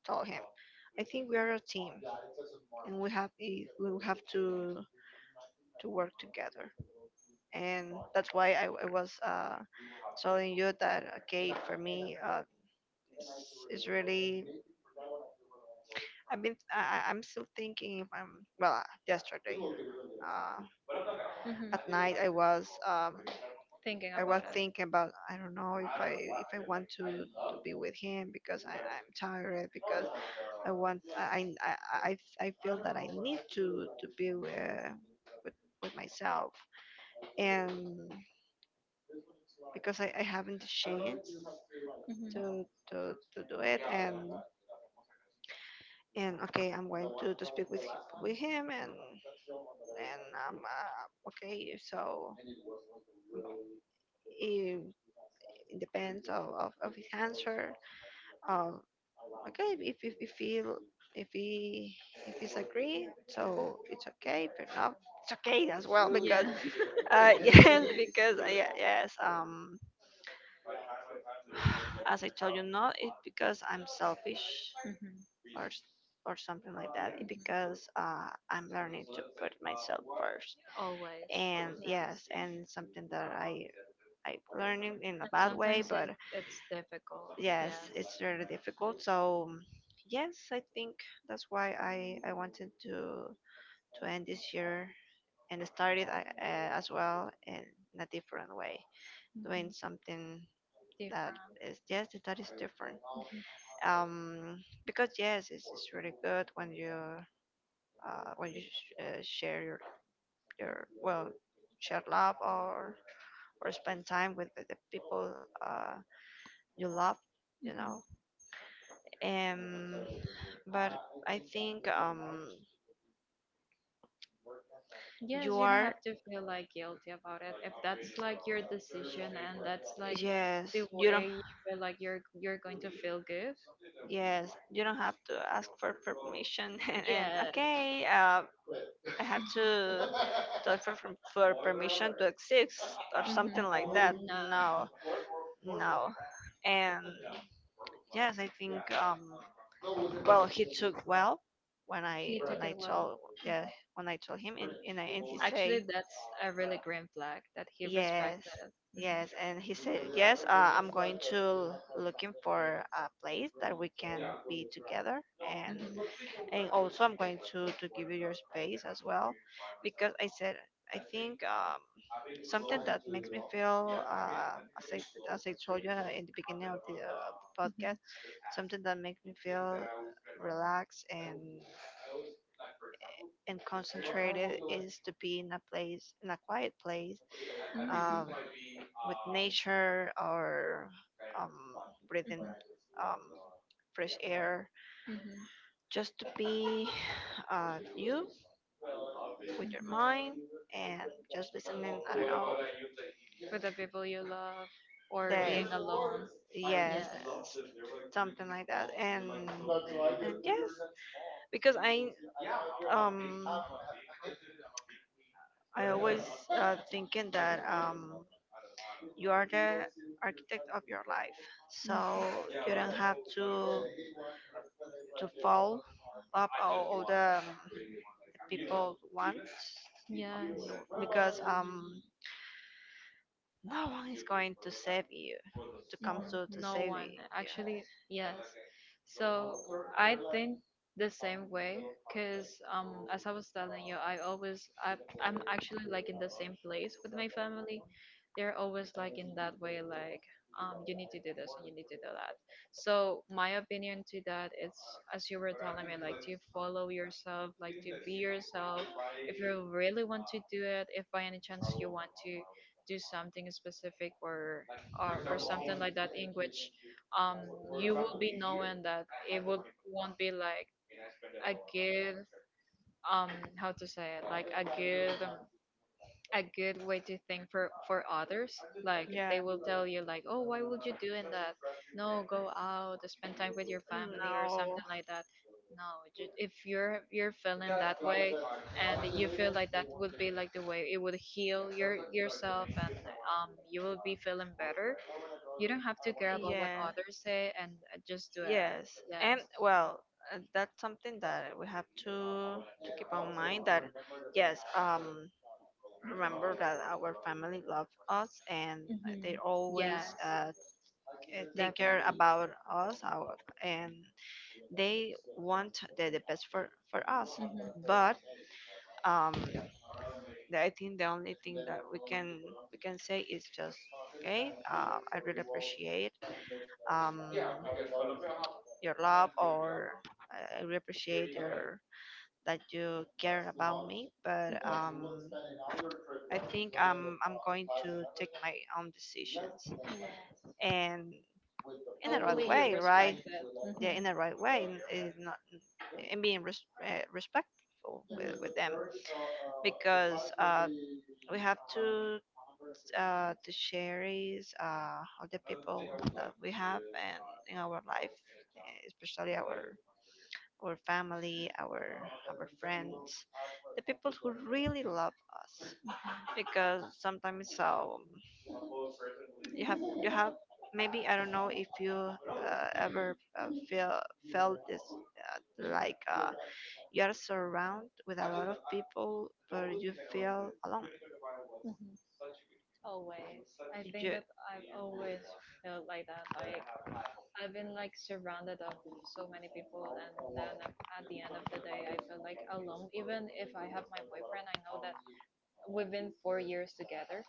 tell him, I think we are a team, and we have we have to work together. And that's why I was, telling you that, okay, for me, it's really, I've been I, I'm still thinking if I'm well. Yesterday uh, at Mm-hmm. night I was, Thinking I about was it. thinking about, I don't know if I want to be with him, because I'm tired. Because I want I feel that I need to be, with with myself. And because I haven't the chance Mm-hmm. to, to do it. And, okay, I'm going to speak with with him, and okay. So it, it depends of his answer. Um, okay, if if he, if he, if he's agree, so it's okay. But not, it's okay as well, Yeah. because Mm-hmm. Yes, because yes, as I told you, not it because I'm selfish, Mm-hmm. or or something like that. It because I'm learning to put myself first. Always. And Yes. yes, and something that I learning in a And bad way. sometimes But it's difficult. yes, Yes. it's really difficult. So yes, I think that's why I wanted to end this year and started, as well, in a different way, doing Hmm. something that Different. is, yes, that is different. um because yes, it's really good when you share your, well, share love, or spend time with the people you love, you Hmm. know. Um but I think Yes, You you don't are, have to feel like guilty about it. If that's like your decision and that's like yes, the you don't. way you feel like you're going to feel good, Yes, you don't have to ask for permission, and yes. okay, I have to ask for, for permission to exist, or something Hmm. like that. No, No, no. And yes, I think, well, he took, well, when I he when took I it well. told, yeah, when I told him, I, and he Actually, say, that's a really green flag that he yes, respected. Mm-hmm. yes. And he said, yes, I'm going to looking for a place that we can be together. And also I'm going to give you your space as well. Because I said, I think, something that makes me feel, as I told you, in the beginning of the Hmm. podcast, something that makes me feel relaxed and concentrated is to be in a place, in a quiet place, Hmm. um, with nature, or um, breathing Hmm. um, fresh air, Mhm. just to be you, with your Mhm. mind, and just listening. I don't know, With the people you love, or the, being alone. yes, Yes. s- something like that. And yes, because um I always thinking that, you are the architect of your life. So Mhm. you don't have to fall up all the people want. Yes. No, because no one is going to save you, to come Mhm. To No save one, you. actually, yes. So I think the same way, cause, as I was telling you, I always I I'm actually like in the same place with my family. They're always like in that way, like, you need to do this and you need to do that. So my opinion to that is, as you were telling me, like, to follow yourself, like to be yourself. If you really want to do it, if by any chance you want to do something specific or something like that in which um you will be knowing that it will won't be like a good, um how to say it, like a good, a good way to think for others. Like, Yeah, they will tell you, like, oh, why would you doing that, no, go out, spend time with your family or no. something like that. No, if you're feeling that way, and you feel like that would be like the way it would heal yourself, and you will be feeling better, you don't have to care about what Yeah. others say, and just do it. Yes. And Yes. well, that's something that we have to keep on mind. That, yes, remember that our family love us, and they Hmm. always, Yes, take care definitely. about us, our, and they want the best for us. Hmm. But um, the- I think the only thing that we can say is just okay. I really appreciate, um, your love, or I really appreciate your, that you care about me. But I think, I'm going to take my own decisions, and in the right Hopefully you way, respect right? Yeah, it. in the right way. And not, and being respectful Hmm. with them. Because we have to share is, all the people that we have, and in our life, eh, especially our family, our friends, the people who really love us. Because sometimes, you have maybe, I don't know if you ever feel, felt this, uh, like, you are surrounded with a lot of people, but you feel alone. Mhm. Always. I think You, that I've always felt like that. Like, I've been like surrounded of so many people, and then at the end of the day, I feel like alone. Even if I have my boyfriend, I know that we've been 4 years together.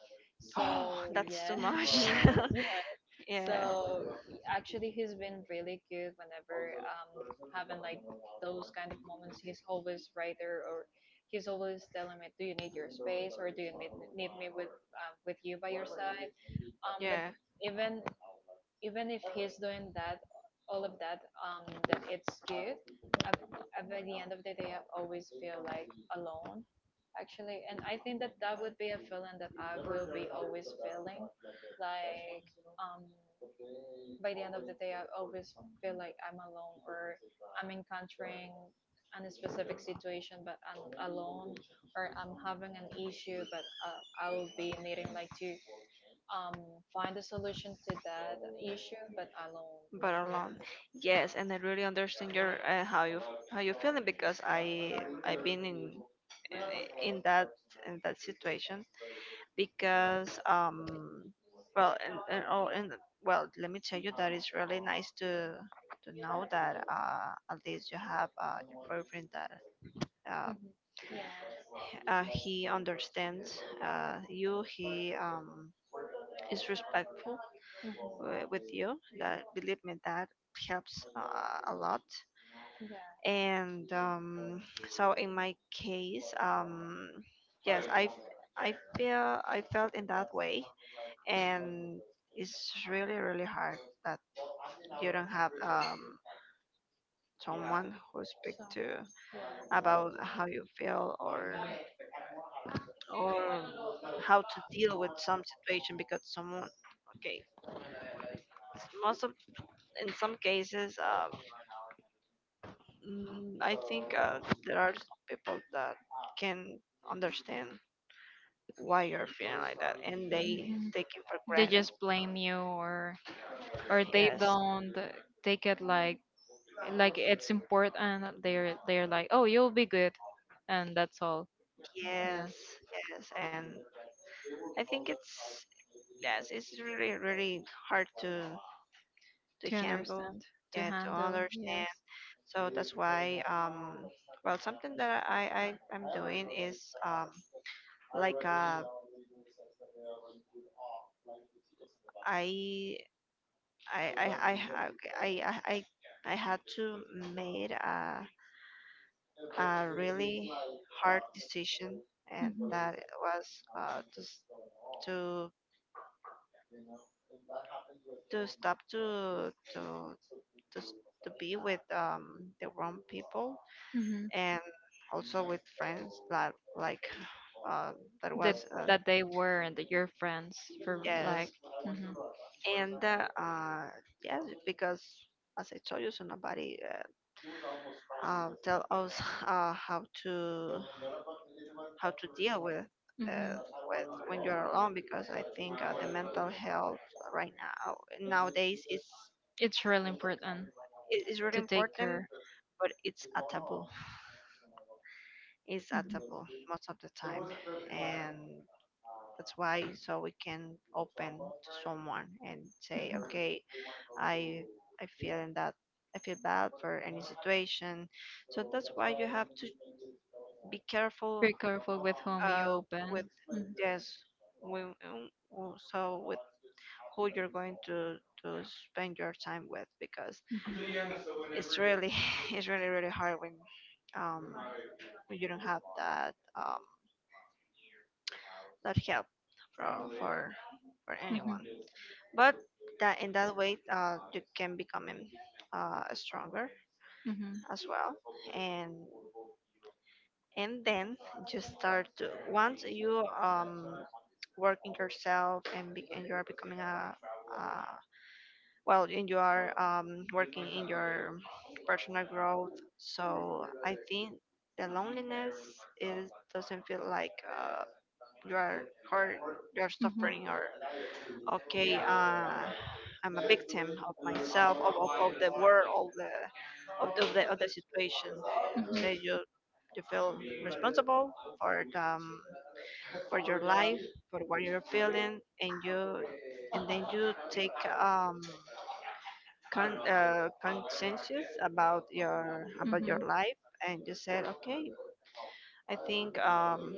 oh, So that's yeah, too much. yeah. Yeah, So actually, he's been really good whenever having like those kind of moments. He's always right there, or he's always telling me, "Do you need your space, or do you need me with, with you by your side?" But yeah. even even if he's doing that, all of that, that it's good. I've, I By the end of the day, I always feel like alone, actually, and I think that that would be a feeling that I will be always feeling, like, um by the end of the day, I always feel like I'm alone, or I'm encountering a specific situation, but I'm alone, or I'm having an issue, but I will be needing like to, um, find a solution to that issue, but alone. But alone. Yeah. Yes, and I really understand your how you, how you're feeling. Because I've been in that, in that situation. Because well, and all, and, well, let me tell you that it's really nice to know that, at least you have your boyfriend, that uh, Hmm. Yeah. He understands, you, he is respectful Hmm. with you. That, believe me, that helps, a lot. Yeah. And so in my case, yes, I feel, I felt in that way. And it's really really hard, that you don't have, someone who speak to Someone. about how you feel, or how to deal with some situation. Because someone, okay, most of, in some cases, I think there are some people that can understand why you're feeling like that, and they Yeah. take it for They granted. just blame you, or they Yes, don't take it, like it's important. They're like, oh, you'll be good, and that's all. Yeah, yes, yes, and I think it's, yes, it's really really hard to to handle. understand, to Yeah, to handle. understand. Yes. So that's why, well, something that I I'm doing is, like, I I ha- okay, I had to made a really hard decision. And Hmm. that was, to to to stop to to be with, the wrong people. Hmm. And also with friends, that, like, uh that that was, that they were, and that your friends for, like. yes. Hmm. And yes, because as I told you, so nobody tell us uh, how to how to deal with, uh, Hmm. with, when you're alone. Because I think, the mental health right now, nowadays, is, It's really important is really to take important, care. but it's a taboo. Is Hmm. adaptable most of the time. And that's why, so we can open to someone and say, okay, I I feel in that, I feel bad for any situation. So that's why you have to be careful, Be careful with whom you uh, with open. Hmm. this. When, so with who you're going to spend your time with. Because it's really it's really really hard when, um, when you don't have that, that help from, for Hmm. Hmm. anyone. But that, in that way, you can become, stronger as well. and and then, just start to, once you, working yourself, and, be, and you are becoming a, well, in your, working in your personal growth. So I think the loneliness is, doesn't feel like, you are hurt, you are Hmm. suffering. Or, okay, I'm a victim of myself, of the world, of the, of the, of the, of the situation. So you feel responsible for the, for your life, for what you're feeling. And you, and then you take, conscientious about your, about your Hmm. life. And you said, okay, I think,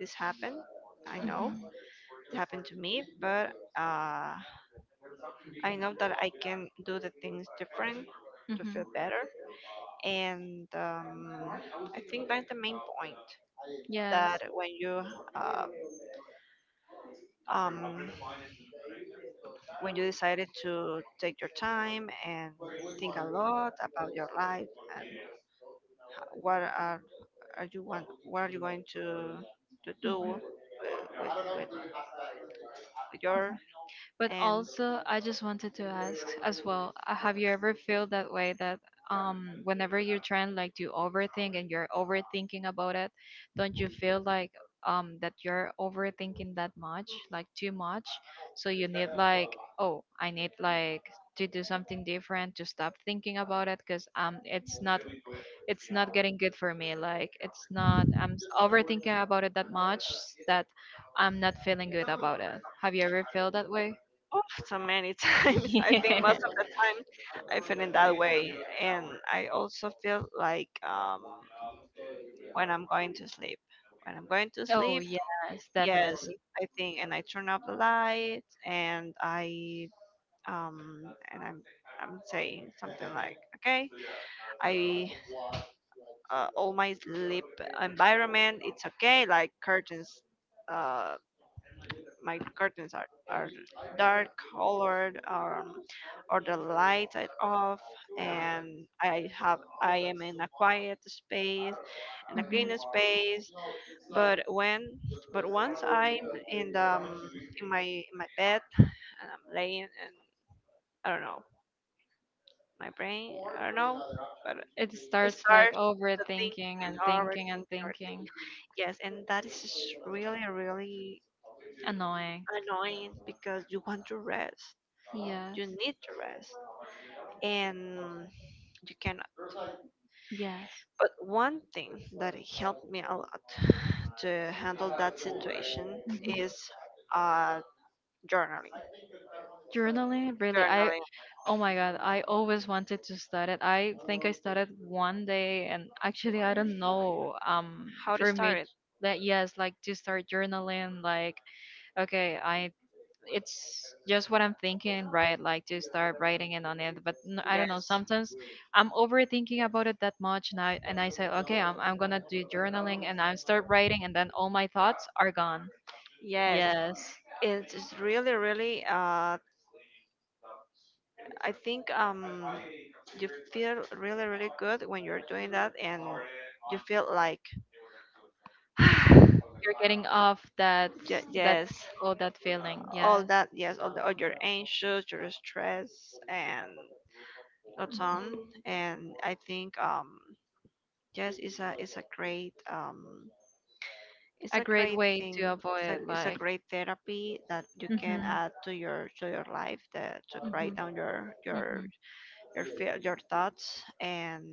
this happened, I know, Hmm. it happened to me. But, uh, I know that I can do the things different, to Hmm. feel better. And, I think that's the main point. Yes. That when you, uh, um, when you decided to take your time and think a lot about your life, what are you want, what are you going to do Hmm. with, with, with your. But And also, I just wanted to ask as well, have you ever felt that way that, whenever you're trying like to overthink and you're overthinking about it, don't you feel like, that you're overthinking that much, like too much? So you need, like, oh, I need like to do something different to stop thinking about it, because it's not getting good for me. Like, it's not, I'm overthinking about it that much that I'm not feeling good about it. Have you ever felt that way? oh, so many times, I think Yeah. most of the time I feel in that way. And I also feel like, when I'm going to sleep, when i'm going to Oh, sleep yes, yes, definitely. I think, and I turn off the lights and I, um and I'm saying something like, okay, I, all my sleep environment, it's okay. Like curtains, uh, my curtains are dark colored, or the lights are off, and I am in a quiet space, in a Hmm. clean space. But when but once I'm in the um, in my bed, and I'm laying, and I don't know, my brain, I don't know, but It it starts like starts to think overthinking and and thinking overthink and everything. thinking. Yes, and that is just really, really Annoying. annoying because you want to rest. Yes. You need to rest. And you cannot. Yes. But one thing that helped me a lot to handle that situation Hmm. is uh, journaling. Journaling, really. I, Journaling. oh my God, I always wanted to start it. I think I started one day, and actually, I don't know. How to For me, start it? that, yes, like, to start journaling, like, okay, I it's just what I'm thinking, right, like to start writing it on it, but I don't know, Yes. sometimes I'm overthinking about it that much, and I say, okay, I'm gonna do journaling, and I start writing, and then all my thoughts are gone. Yes. Yes. It's really, really, I think, you feel really, really good when you're doing that, and you feel like, You're getting off that ye- that yes, all that feeling, all yes. that, yes, all your anxious, your stress, and what's on. Mhm. And I think, yes, it's A a great great way to thing. Avoid, It's a like. great therapy that you can Mm-hmm. add to your life, that, to Mm-hmm. write down Mm-hmm. Your feel, your thoughts and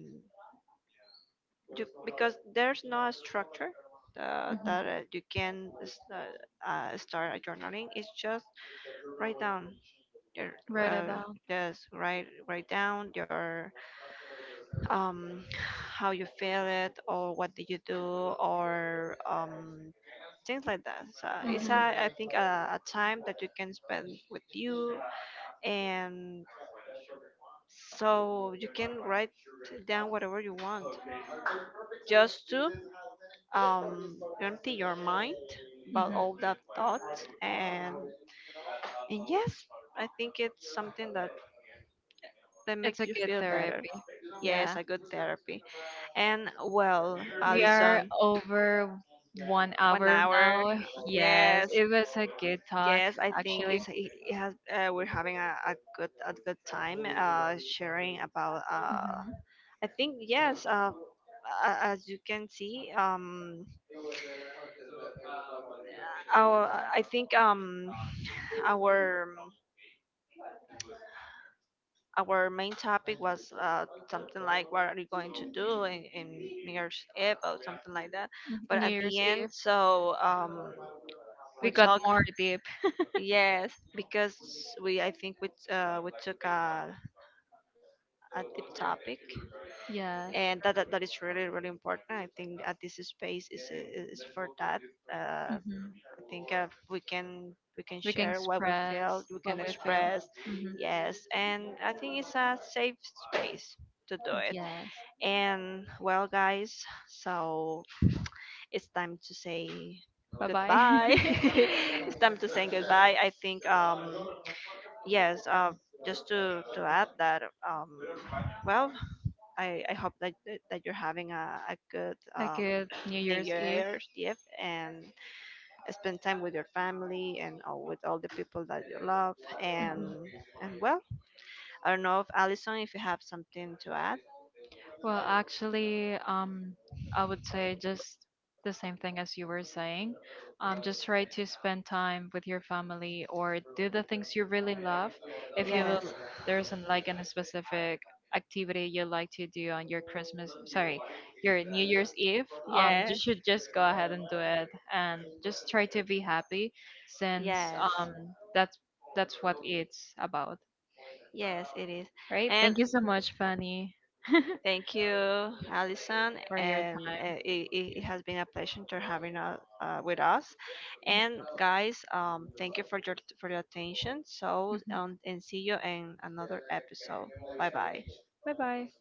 do, because there's no structure, Mm-hmm. that, you can start a journaling. It's just, write down your Write it well, down. just write down your um how you feel it, or what did you do, or things like that. So it's Mm-hmm. a I think a time that you can spend with you, and so you can write down whatever you want, just to empty your mind about all that thought. And yes, I think it's something that It's makes a you good feel better. therapy. Yes, Yeah. a good therapy. And, well, We are Alison, over one one hour hour now. Yes, Yes, it was a good talk, yes, I think actually. It it has, we're having a, a good time, sharing about, I think, yes, as you can see, our, I think, our Our main topic was, something like, what are you going to do in, New Year's Eve, or something like that. Mm-hmm. But New at the Year's end, Eve. so, we We got talked, more deep. yes, because I think we took a deep topic. Yes. And that is really, really important. I think at this space is for that. I Hmm. think, we can We can share what we express feel, we what can we feel. express. Hmm. Yes, and I think it's a safe space to do it. Yes. And, well, guys, so it's time to say Bye bye. goodbye. It's time to say goodbye. I think, yes, just to add that, well, I hope that you're having a good, A good New New Year's Eve. Year's Eve, and spend time with your family, and with all the people that you love. Mhm. And well, I don't know if Alison, if you have something to add. Well, actually, I would say just the same thing as you were saying. Just try to spend time with your family or do the things you really love. If you will, Yes. there's an, like an a specific activity you like to do on your Christmas, sorry, your New Year's Eve, you Yes. should just go ahead and do it and just try to be happy, since, Yes, that's that's what it's about, yes, it is. right? And Thank you so much, Fanny. thank you, Alison. For your And time. uh, it has been a pleasure to having with us. And guys, thank you for your attention. So, and see you in another episode. Bye bye. Bye bye.